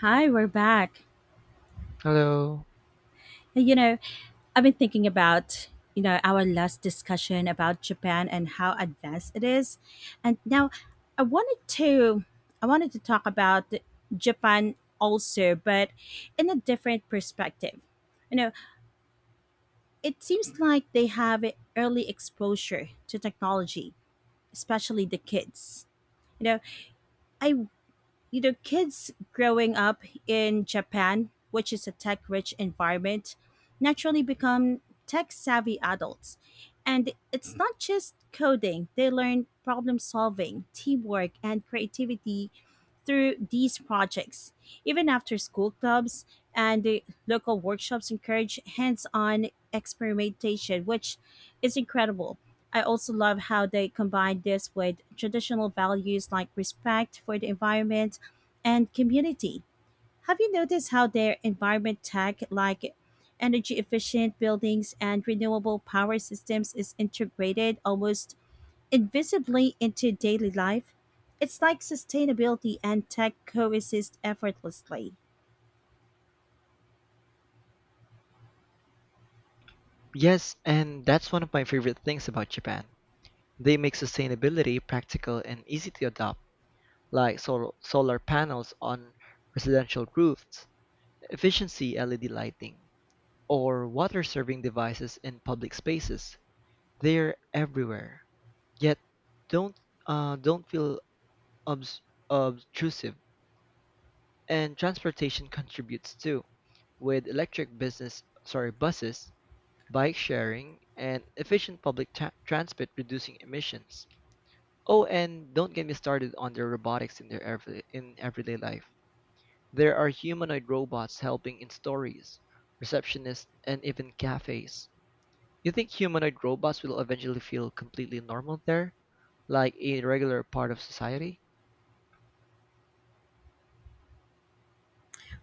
Hi, we're back. Hello. You know, I've been thinking about, our last discussion about Japan and how advanced it is. And now I wanted to I wanted to talk about Japan also, but in a different perspective. You know, it seems like they have early exposure to technology, especially the kids. You know, I you know kids growing up in Japan, which is a tech-rich environment, naturally become tech-savvy adults. And it's not just coding. They learn problem solving, teamwork, and creativity through these projects. Even after school clubs and the local workshops encourage hands on experimentation, which is incredible. I also love how they combine this with traditional values like respect for the environment and community. Have you noticed how their environment tech, like energy efficient buildings and renewable power systems, is integrated almost invisibly into daily life. It's like sustainability and tech coexist effortlessly. Yes, and that's one of my favorite things about Japan. They make sustainability practical and easy to adopt, like solar panels on residential roofs, efficiency LED lighting, or water serving devices in public spaces. They're everywhere, yet don't don't feel obs- obtrusive. And transportation contributes too, with electric business sorry buses bike sharing, and efficient public transport reducing emissions. Oh, and don't get me started on their robotics in their in everyday life. There are humanoid robots helping in stories, receptionists, and even cafes. You think humanoid robots will eventually feel completely normal there, like a regular part of society?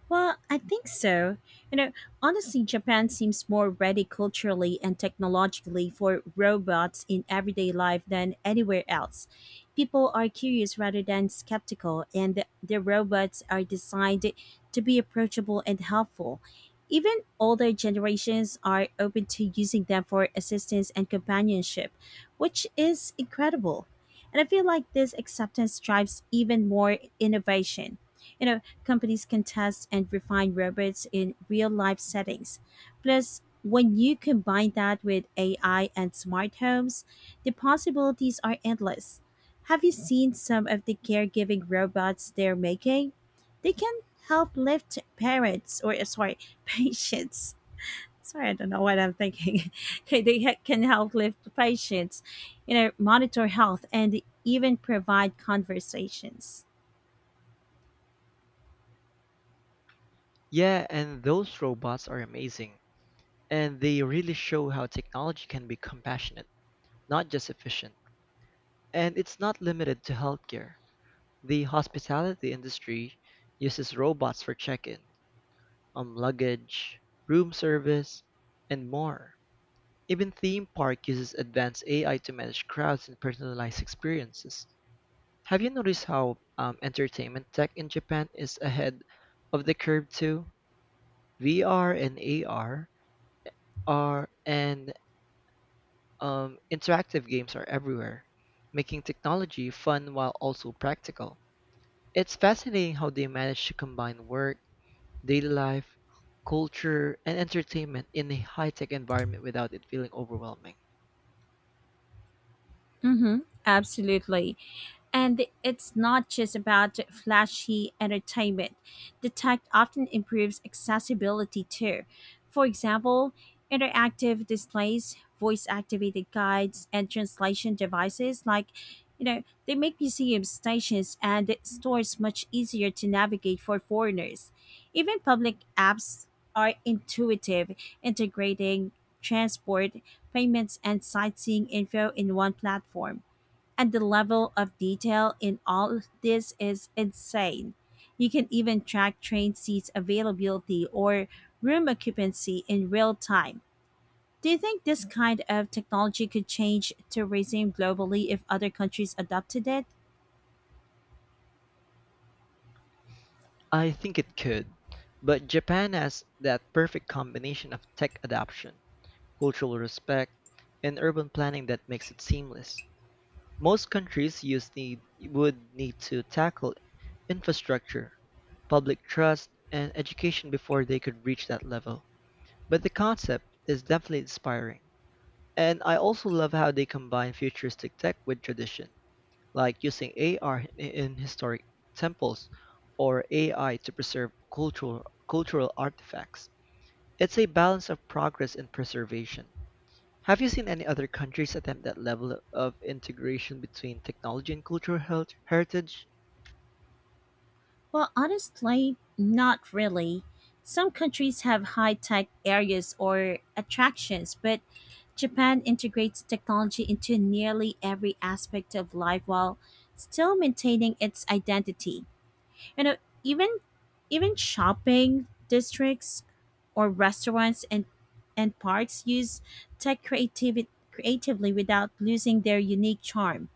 Well, I think so. You know, honestly, Japan seems more ready culturally and technologically for robots in everyday life than anywhere else. People are curious rather than skeptical, and the robots are designed to be approachable and helpful. Even older generations are open to using them for assistance and companionship, which is incredible. And I feel like this acceptance drives even more innovation you know companies can test and refine robots in real life settings. Plus, when you combine that with AI and smart homes, the possibilities are endless. Have you seen some of the caregiving robots they're making? They can help lift parents or sorry, patients. Sorry, I don't know what I'm thinking. Okay, can help lift patients, you know, monitor health and even provide conversations. Yeah, and those robots are amazing, and they really show how technology can be compassionate, not just efficient. And it's not limited to healthcare. The hospitality industry uses robots for check-in, luggage, room service, and more. Even theme park uses advanced AI to manage crowds and personalize experiences. Have you noticed how entertainment tech in Japan is ahead of the curve too? VR and AR are and interactive games are everywhere, making technology fun while also practical. It's fascinating how they manage to combine work, daily life, culture, and entertainment in a high-tech environment without it feeling overwhelming? Mm-hmm, absolutely. And it's not just about flashy entertainment. The tech often improves accessibility too. For example, interactive displays, voice activated guides, and translation devices they make museum stations, and stores much easier to navigate for foreigners. Even public apps are intuitive, integrating transport, payments, and sightseeing info in one platform. And the level of detail in all of this is insane. You can even track train seats availability or room occupancy in real time. Do you think this kind of technology could change tourism globally if other countries adopted it? I think it could, but Japan has that perfect combination of tech adoption, cultural respect, and urban planning that makes it seamless. Most countries use need, would need to tackle infrastructure, public trust, and education before they could reach that level. But the concept is definitely inspiring. And I also love how they combine futuristic tech with tradition like using AR in historic temples or AI to preserve cultural artifacts. It's a balance of progress and preservation. Have you seen any other countries attempt that level of integration between technology and cultural heritage? Well, honestly, not really. Some countries have high tech areas or attractions, but Japan integrates technology into nearly every aspect of life while still maintaining its identity. You know, even even shopping districts or restaurants and parks use tech creativity creatively without losing their unique charm.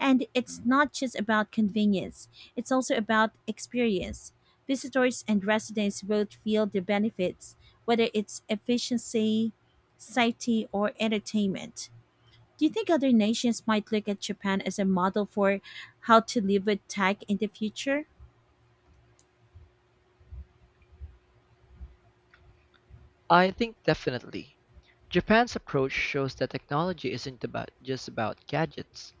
And it's not just about convenience, it's also about experience. Visitors and residents both feel the benefits, whether it's efficiency, safety, or entertainment. Do you think other nations might look at Japan as a model for how to live with tech in the future? I think definitely. Japan's approach shows that technology isn't about just about gadgets.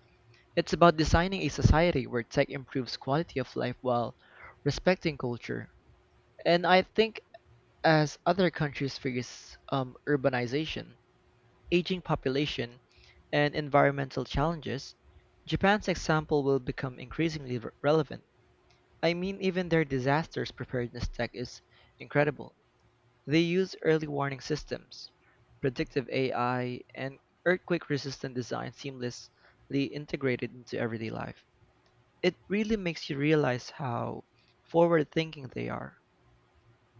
It's about designing a society where tech improves quality of life while respecting culture. And I think as other countries face urbanization, aging population, and environmental challenges, Japan's example will become increasingly relevant. I mean, even their disasters preparedness tech is incredible. They use early warning systems, predictive AI, and earthquake resistant design seamlessly integrated into everyday life. It really makes you realize how forward thinking they are.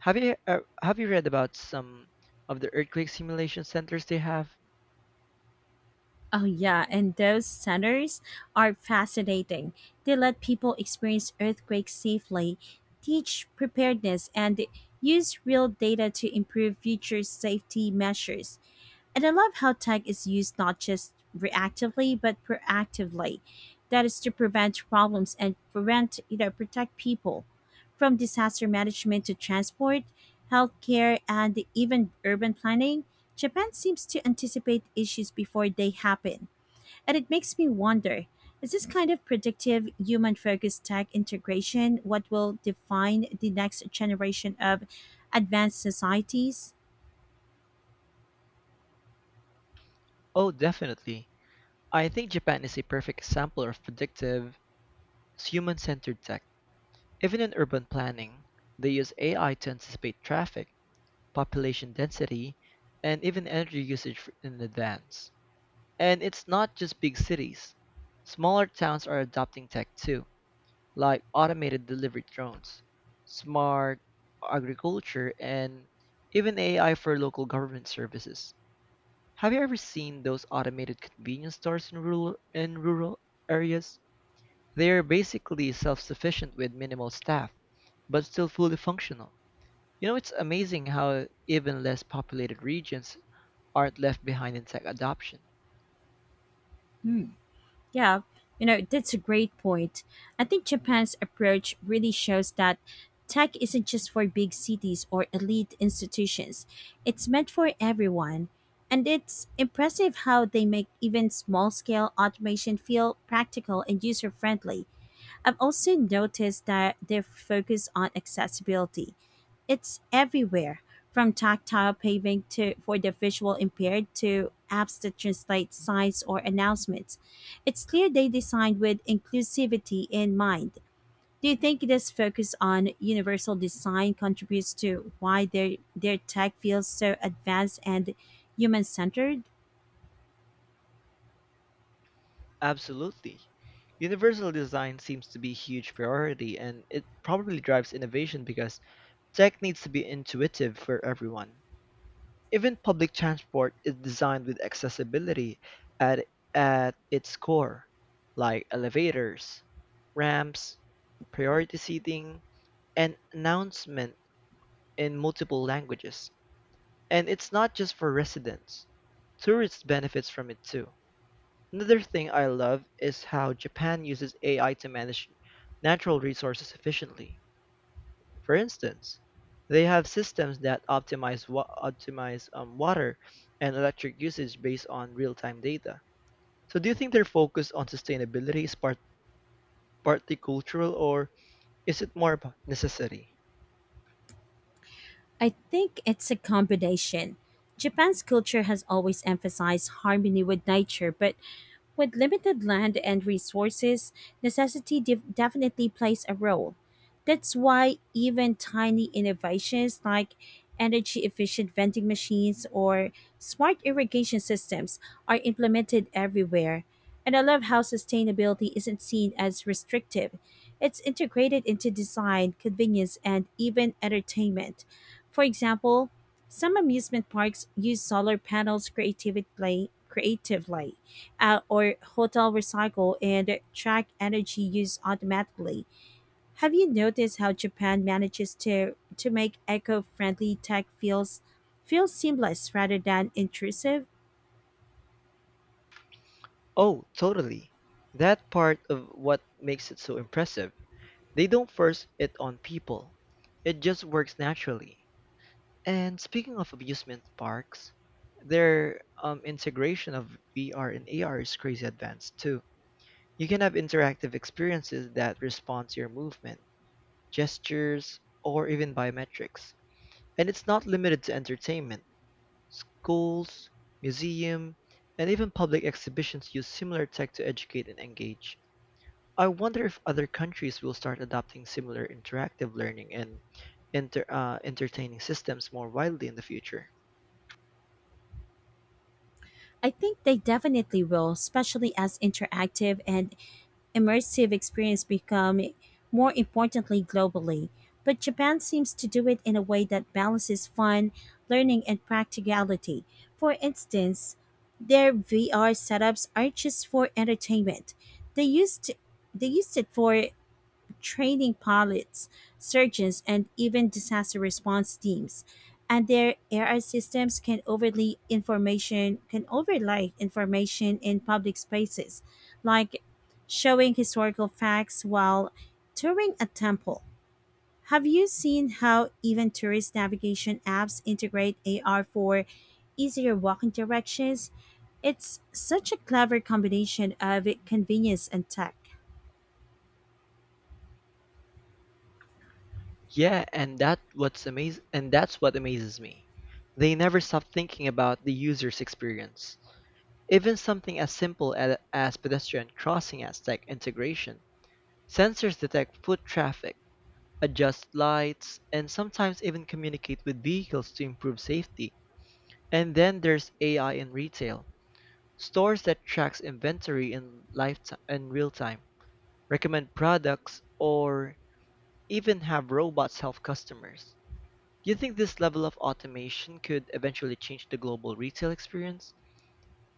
Have you have you read about some of the earthquake simulation centers they have? Oh, yeah, and those centers are fascinating. They let people experience earthquakes safely, teach preparedness, and use real data to improve future safety measures. And I love how tech is used not just reactively, but proactively. That is to prevent problems and protect people from disaster management to transport, healthcare, and even urban planning. Japan seems to anticipate issues before they happen. And it makes me wonder, is this kind of predictive, human focused tech integration what will define the next generation of advanced societies? Oh, definitely. I think Japan is a perfect example of predictive, human-centered tech. Even in urban planning, they use AI to anticipate traffic, population density, and even energy usage in advance. And it's not just big cities. Smaller towns are adopting tech too, like automated delivery drones, smart agriculture, and even AI for local government services. Have you ever seen those automated convenience stores in rural areas? They are basically self-sufficient with minimal staff, but still fully functional. You know, it's amazing how even less populated regions aren't left behind in tech adoption. Hmm, yeah, you know, that's a great point. I think Japan's approach really shows that tech isn't just for big cities or elite institutions, it's meant for everyone. And it's impressive how they make even small scale automation feel practical and user friendly. I've also noticed that their focus on accessibility. It's everywhere, from tactile paving to for the visual impaired to apps that translate signs or announcements. It's clear they designed with inclusivity in mind. Do you think this focus on universal design contributes to why their tech feels so advanced and human centered? Absolutely. Universal design seems to be a huge priority and it probably drives innovation because tech needs to be intuitive for everyone. Even public transport is designed with accessibility at, at its core, like elevators, ramps, priority seating, and announcement in multiple languages. And it's not just for residents. Tourists benefits from it too. Another thing I love is how Japan uses AI to manage natural resources efficiently. For instance, they have systems that optimize optimize water and electric usage based on real-time data. So, do you think their focus on sustainability is partly cultural, or is it more about necessity? I think it's a combination. Japan's culture has always emphasized harmony with nature, but with limited land and resources, definitely plays a role. That's why even tiny innovations like energy efficient vending machines or smart irrigation systems are implemented everywhere. And I love how sustainability isn't seen as restrictive. It's integrated into design, convenience, and even entertainment. For example, some amusement parks use solar panels creatively, creatively or hotel recycle and track energy use automatically. Have you noticed how Japan manages to make eco-friendly tech feel seamless rather than intrusive? Oh, totally. That part of what makes it so impressive. They don't force it on people. It just works naturally. And speaking of amusement parks, their integration of VR and AR is crazy advanced too. You can have interactive experiences that respond to your movement, gestures, or even biometrics. And it's not limited to entertainment. Schools, museum, and even public exhibitions use similar tech to educate and engage. I wonder if other countries will start adopting similar interactive learning and entertaining systems more widely in the future. I think they definitely will, especially as interactive and immersive experience become more importantly globally. But Japan seems to do it in a way that balances fun, learning, and practicality. For instance, their VR setups aren't just for entertainment. They used they used it for training pilots, surgeons, and even disaster response teams. And their AI systems can overlay information in public spaces, like showing historical facts while touring a temple. Have you seen how even tourist navigation apps integrate AR for easier walking directions? It's such a clever combination of convenience and tech. Yeah, and that's what amazes me. They never stop thinking about the user's experience. Even something as simple as pedestrian crossing as tech integration. Sensors detect foot traffic, adjust lights, and sometimes even communicate with vehicles to improve safety. And then there's AI in retail. Stores that tracks inventory in lifetime in real time, recommend products, or even have robots help customers. Do you think this level of automation could eventually change the global retail experience?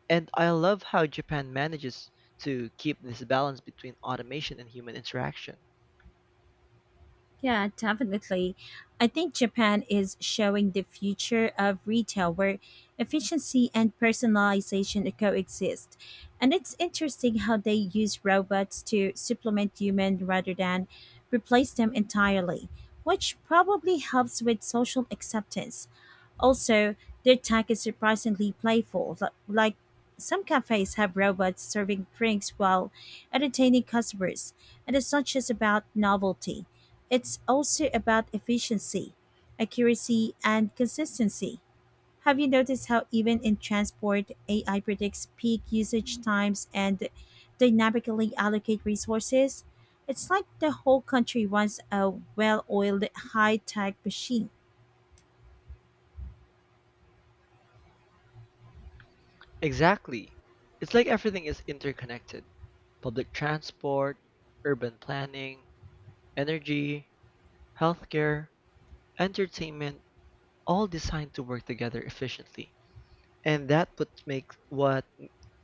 And I love how Japan manages to keep this balance between automation and human interaction. Yeah, definitely. I think Japan is showing the future of retail where efficiency and personalization coexist. And it's interesting how they use robots to supplement human rather than replace them entirely, which probably helps with social acceptance. Also, their tech is surprisingly playful. Like some cafes have robots serving drinks while entertaining customers, and it's not just about novelty. It's also about efficiency, accuracy, and consistency. Have you noticed how, even in transport, AI predicts peak usage times and dynamically allocate resources? It's like the whole country runs a well oiled, high tech machine. Exactly. It's like everything is interconnected. Public transport, urban planning, energy, healthcare, entertainment, all designed to work together efficiently. And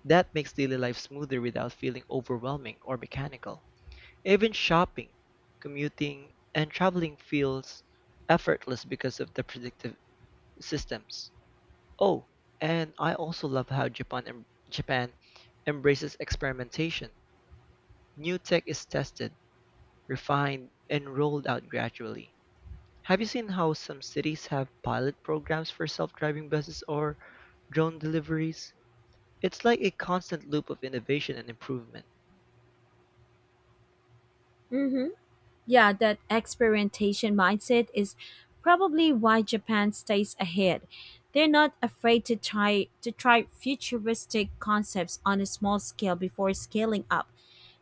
that makes daily life smoother without feeling overwhelming or mechanical. Even shopping, commuting, and traveling feels effortless because of the predictive systems. Oh, and I also love how Japan embraces experimentation. New tech is tested, refined, and rolled out gradually. Have you seen how some cities have pilot programs for self-driving buses or drone deliveries? It's like a constant loop of innovation and improvement. Mm-hmm. Yeah, that experimentation mindset is probably why Japan stays ahead. They're not afraid to try futuristic concepts on a small scale before scaling up.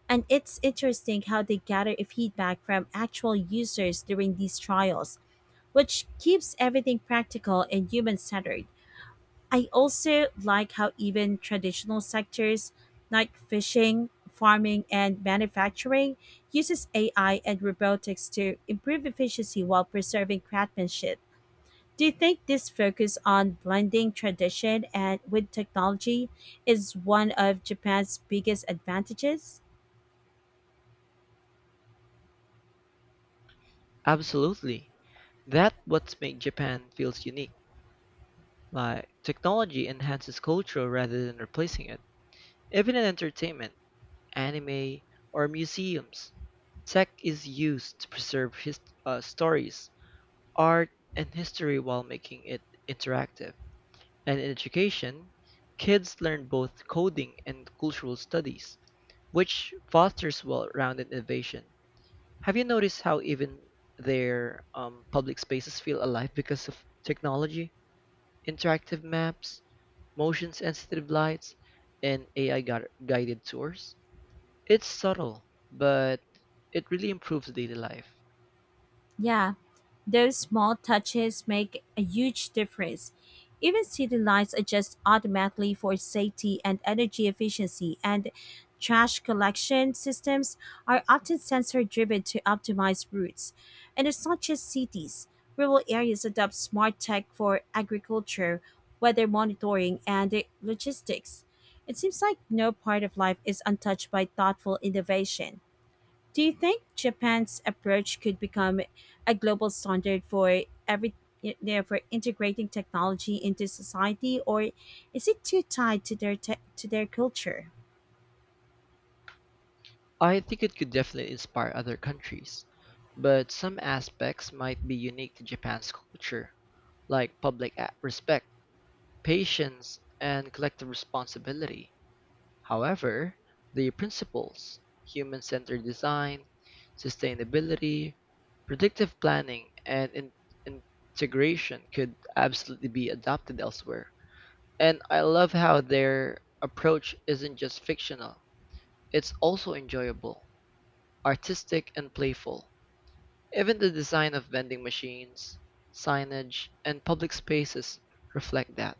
And it's interesting how they gather feedback from actual users during these trials, which keeps everything practical and human centered. I also like how even traditional sectors like fishing, farming, and manufacturing uses AI and robotics to improve efficiency while preserving craftsmanship. Do you think this focus on blending tradition and with technology is one of Japan's biggest advantages? Absolutely. That's what's made Japan feels unique. Like technology enhances culture rather than replacing it. Even in entertainment, anime, or museums, tech is used to preserve stories, art, and history while making it interactive. And in education, kids learn both coding and cultural studies, which fosters well-rounded innovation. Have you noticed how even their public spaces feel alive because of technology, interactive maps, motion-sensitive lights, and AI guided tours? It's subtle, but it really improves daily life. Yeah, those small touches make a huge difference. Even city lights adjust automatically for safety and energy efficiency, and trash collection systems are often sensor driven to optimize routes. And it's not just cities, rural areas adopt smart tech for agriculture, weather monitoring, and logistics. It seems like no part of life is untouched by thoughtful innovation. Do you think Japan's approach could become a global standard for for integrating technology into society, or is it too tied to to their culture? I think it could definitely inspire other countries, but some aspects might be unique to Japan's culture, like public respect, patience, and collective responsibility. However, the principles, human centered design, sustainability, predictive planning, and integration could absolutely be adopted elsewhere. And I love how their approach isn't just fictional, it's also enjoyable. Artistic and playful, even the design of vending machines, signage, and public spaces reflect that.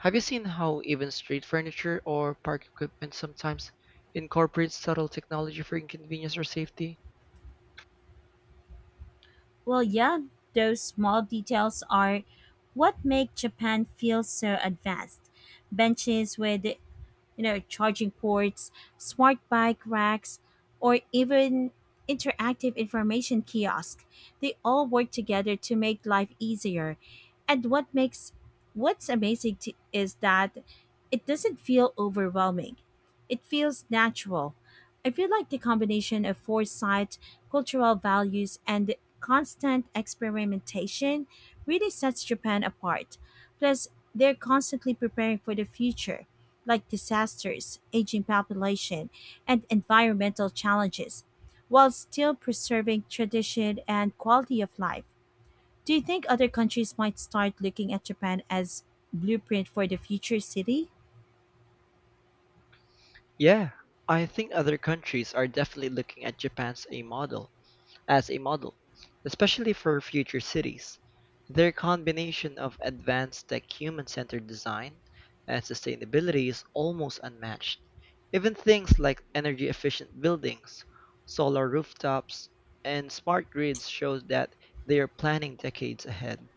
Have you seen how even street furniture or park equipment sometimes incorporates subtle technology for inconvenience or safety? Well, yeah, those small details are what make Japan feel so advanced. Benches with charging ports, smart bike racks, or even interactive information kiosk. They all work together to make life easier. And what's amazing to, is that it doesn't feel overwhelming. It feels natural. I feel like the combination of foresight, cultural values, and constant experimentation really sets Japan apart. Plus, they're constantly preparing for the future like disasters, aging population, and environmental challenges, while still preserving tradition and quality of life. Do you think other countries might start looking at Japan as blueprint for the future city? Yeah, I think other countries are definitely looking at Japan as a model. as a model, Especially for future cities. Their combination of advanced tech human-centered design and sustainability is almost unmatched. Even things like energy-efficient buildings, solar rooftops, and smart grids show that they are planning decades ahead.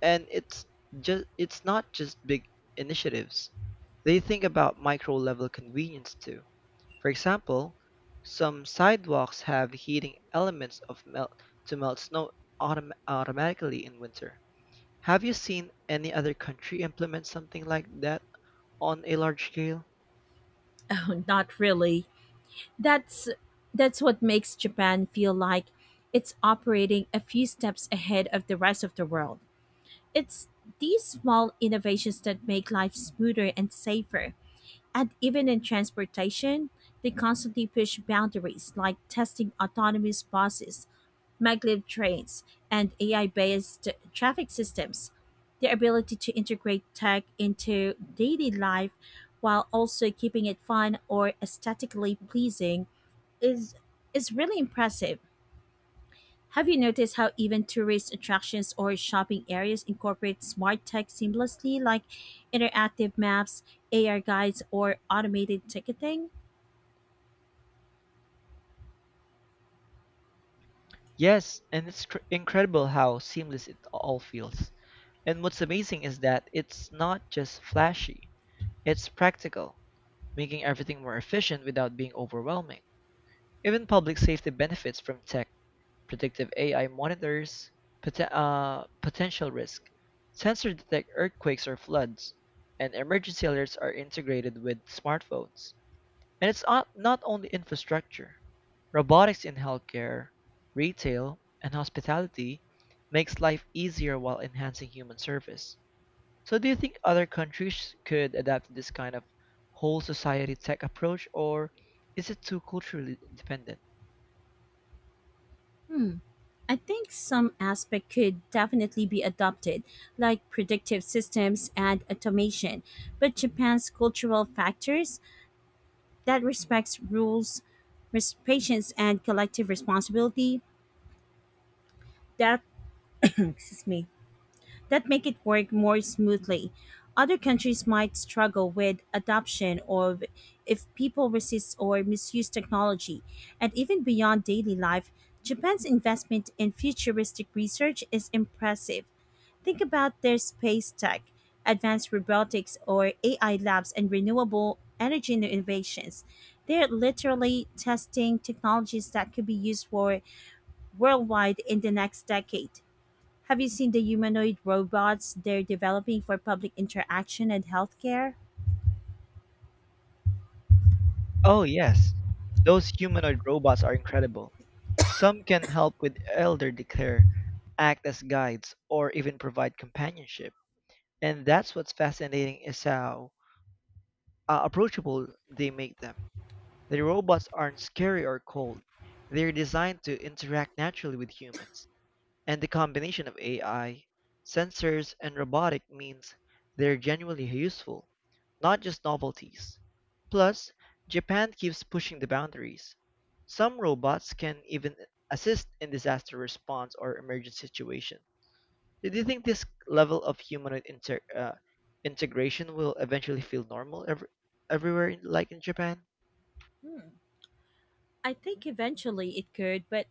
And it's not just big initiatives. They think about micro-level convenience too, for example, some sidewalks have heating elements of melt to melt snow automatically in winter. Have you seen any other country implement something like that on a large scale? Oh, not really. That's that's what makes Japan feel like it's operating a few steps ahead of the rest of the world. It's these small innovations that make life smoother and safer. And even in transportation, they constantly push boundaries like testing autonomous buses, maglev trains, and AI based traffic systems. Their ability to integrate tech into daily life while also keeping it fun or aesthetically pleasing is, is really impressive. Have you noticed how even tourist attractions or shopping areas incorporate smart tech seamlessly, like interactive maps, AR guides, or automated ticketing? Yes, and it's incredible how seamless it all feels. And what's amazing is that it's not just flashy, it's practical, making everything more efficient without being overwhelming. Even public safety benefits from tech. Predictive AI monitors potential risk. Sensors detect earthquakes or floods, and emergency alerts are integrated with smartphones. And it's not only infrastructure. Robotics in healthcare, retail, and hospitality makes life easier while enhancing human service. So do you think other countries could adapt to this kind of whole society tech approach or is it too culturally dependent? Hmm, I think some aspect could definitely be adopted, like predictive systems and automation. But Japan's cultural factors that respects rules, patience, and collective responsibility that excuse me that make it work more smoothly. Other countries might struggle with adoption of if people resist or misuse technology. And even beyond daily life, Japan's investment in futuristic research is impressive. Think about their space tech, advanced robotics or AI labs, and renewable energy innovations. They're literally testing technologies that could be used for worldwide in the next decade. Have you seen the humanoid robots they're developing for public interaction and healthcare? Oh, yes. Those humanoid robots are incredible. Some can help with elder care, act as guides, or even provide companionship. And that's what's fascinating is how approachable they make them. The robots aren't scary or cold. They're designed to interact naturally with humans. And the combination of AI, sensors, and robotic means they're genuinely useful, not just novelties. Plus, Japan keeps pushing the boundaries. Some robots can even assist in disaster response or emergency situations. Do you think this level of humanoid integration will eventually feel normal everywhere, in, like in Japan? Hmm. I think eventually it could, but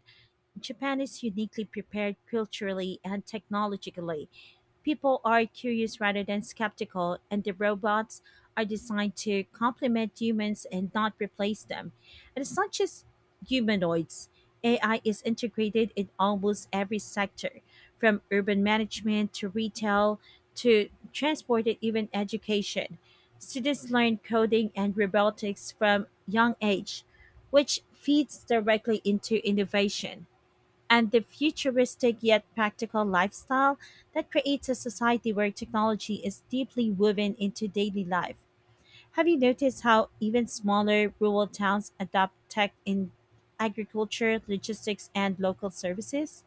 Japan is uniquely prepared culturally and technologically. People are curious rather than skeptical, and the robots are designed to complement humans and not replace them. And it's not just humanoids, AI is integrated in almost every sector, from urban management to retail to transport and even education. Students learn coding and robotics from young age, which feeds directly into innovation and the futuristic yet practical lifestyle that creates a society where technology is deeply woven into daily life. Have you noticed how even smaller rural towns adopt tech in agriculture, logistics, and local services?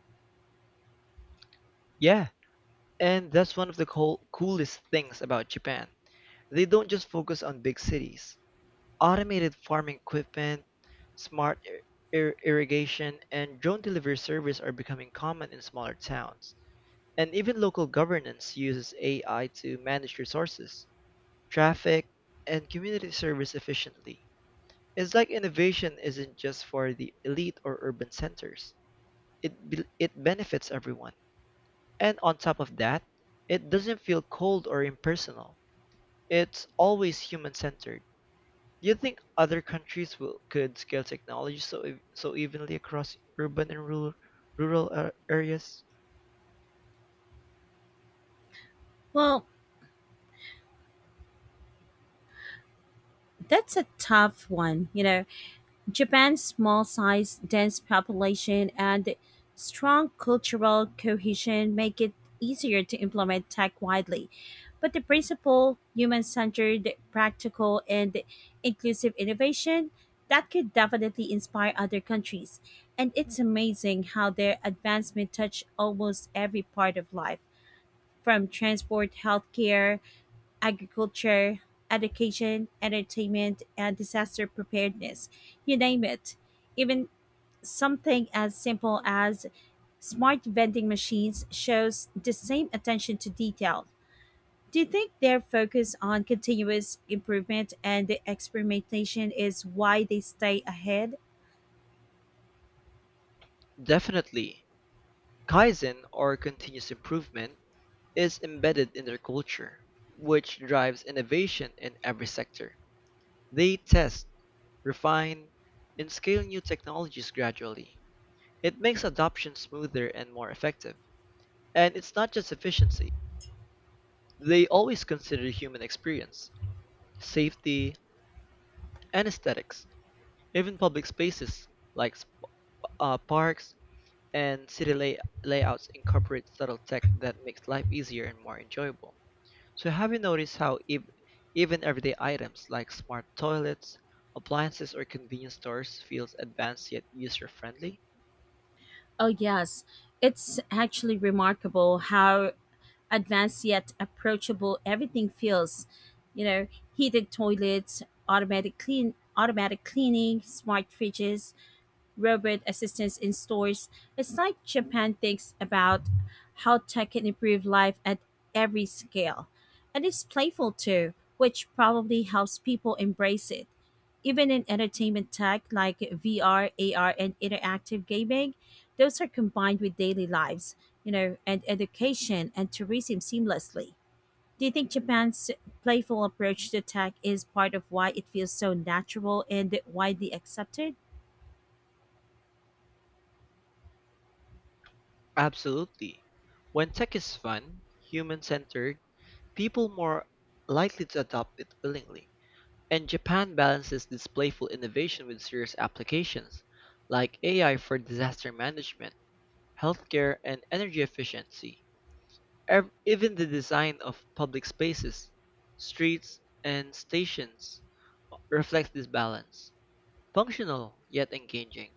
Yeah, and that's one of the coolest things about Japan. They don't just focus on big cities. Automated farming equipment, smart irrigation, and drone delivery service are becoming common in smaller towns. And even local governance uses AI to manage resources, traffic, and community service efficiently. It's like innovation isn't just for the elite or urban centers. It benefits everyone. And on top of that, it doesn't feel cold or impersonal. It's always human-centered. Do you think other countries could scale technology so evenly across urban and rural areas? Well, that's a tough one, you know. Japan's small size, dense population, and strong cultural cohesion make it easier to implement tech widely. But the principle, human centered, practical, and inclusive innovation, that could definitely inspire other countries. And it's amazing how their advancement touched almost every part of life, from transport, healthcare, agriculture, education, entertainment, and disaster preparedness. You name it. Even something as simple as smart vending machines shows the same attention to detail. Do you think their focus on continuous improvement and the experimentation is why they stay ahead? Definitely. Kaizen or continuous improvement is embedded in their culture, which drives innovation in every sector. They test, refine, and scale new technologies gradually. It makes adoption smoother and more effective. And it's not just efficiency. They always consider human experience, safety, and aesthetics. Even public spaces like parks and layouts incorporate subtle tech that makes life easier and more enjoyable. So, have you noticed how even everyday items like smart toilets, appliances, or convenience stores feels advanced yet user-friendly? Oh, yes. It's actually remarkable how advanced yet approachable. Everything feels, you know, heated toilets, automatic cleaning, smart fridges, robot assistants in stores. It's like Japan thinks about how tech can improve life at every scale. And it's playful too, which probably helps people embrace it. Even in entertainment tech like VR, AR, and interactive gaming, those are combined with daily lives, you know, and education and tourism seamlessly. Do you think Japan's playful approach to tech is part of why it feels so natural and widely accepted? Absolutely. When tech is fun, human-centered, people more likely to adopt it willingly. And Japan balances this playful innovation with serious applications, like AI for disaster management, healthcare, and energy efficiency. Even the design of public spaces, streets, and stations reflects this balance. Functional, yet engaging.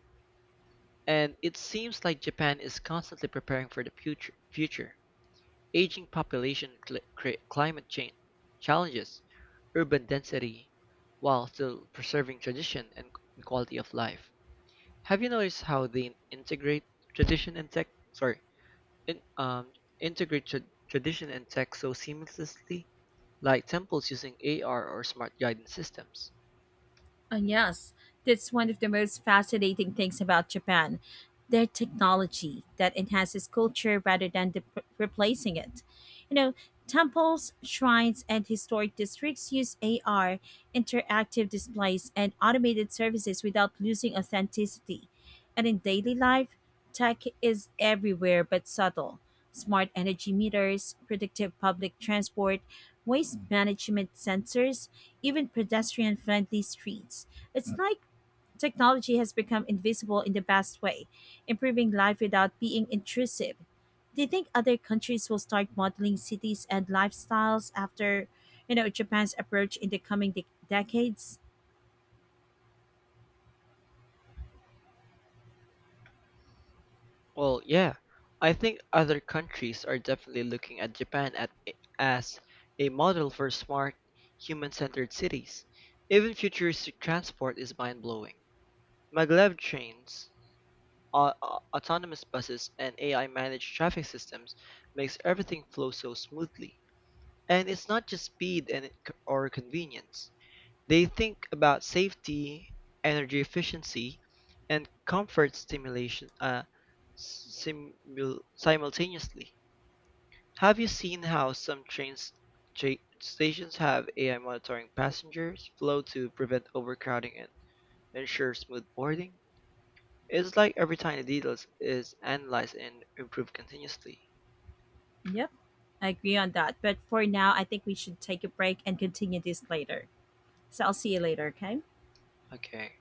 And it seems like Japan is constantly preparing for the future. Aging population and climate change challenges urban density while still preserving tradition and quality of life. Have you noticed how they integrate tradition and tech? Sorry, in, um, integrate tradition and tech so seamlessly, like temples using AR or smart guidance systems. Yes, that's one of the most fascinating things about Japan. Their technology that enhances culture rather than replacing it. You know, temples, shrines, and historic districts use AR, interactive displays, and automated services without losing authenticity. And in daily life, tech is everywhere but subtle. Smart energy meters, predictive public transport, waste management sensors, even pedestrian friendly streets. It's like technology has become invisible in the best way, improving life without being intrusive. Do you think other countries will start modeling cities and lifestyles after, you know, Japan's approach in the coming decades? Well, yeah, I think other countries are definitely looking at Japan as a model for smart, human-centered cities. Even futuristic transport is mind-blowing. Maglev trains, autonomous buses, and AI-managed traffic systems makes everything flow so smoothly. And it's not just speed and or convenience. They think about safety, energy efficiency, and comfort simultaneously. Have you seen how some train stations have AI monitoring passengers flow to prevent overcrowding and ensure smooth boarding? It's like every tiny detail is analyzed and improved continuously. Yep, I agree on that. But for now, I think we should take a break and continue this later. So I'll see you later, okay? Okay.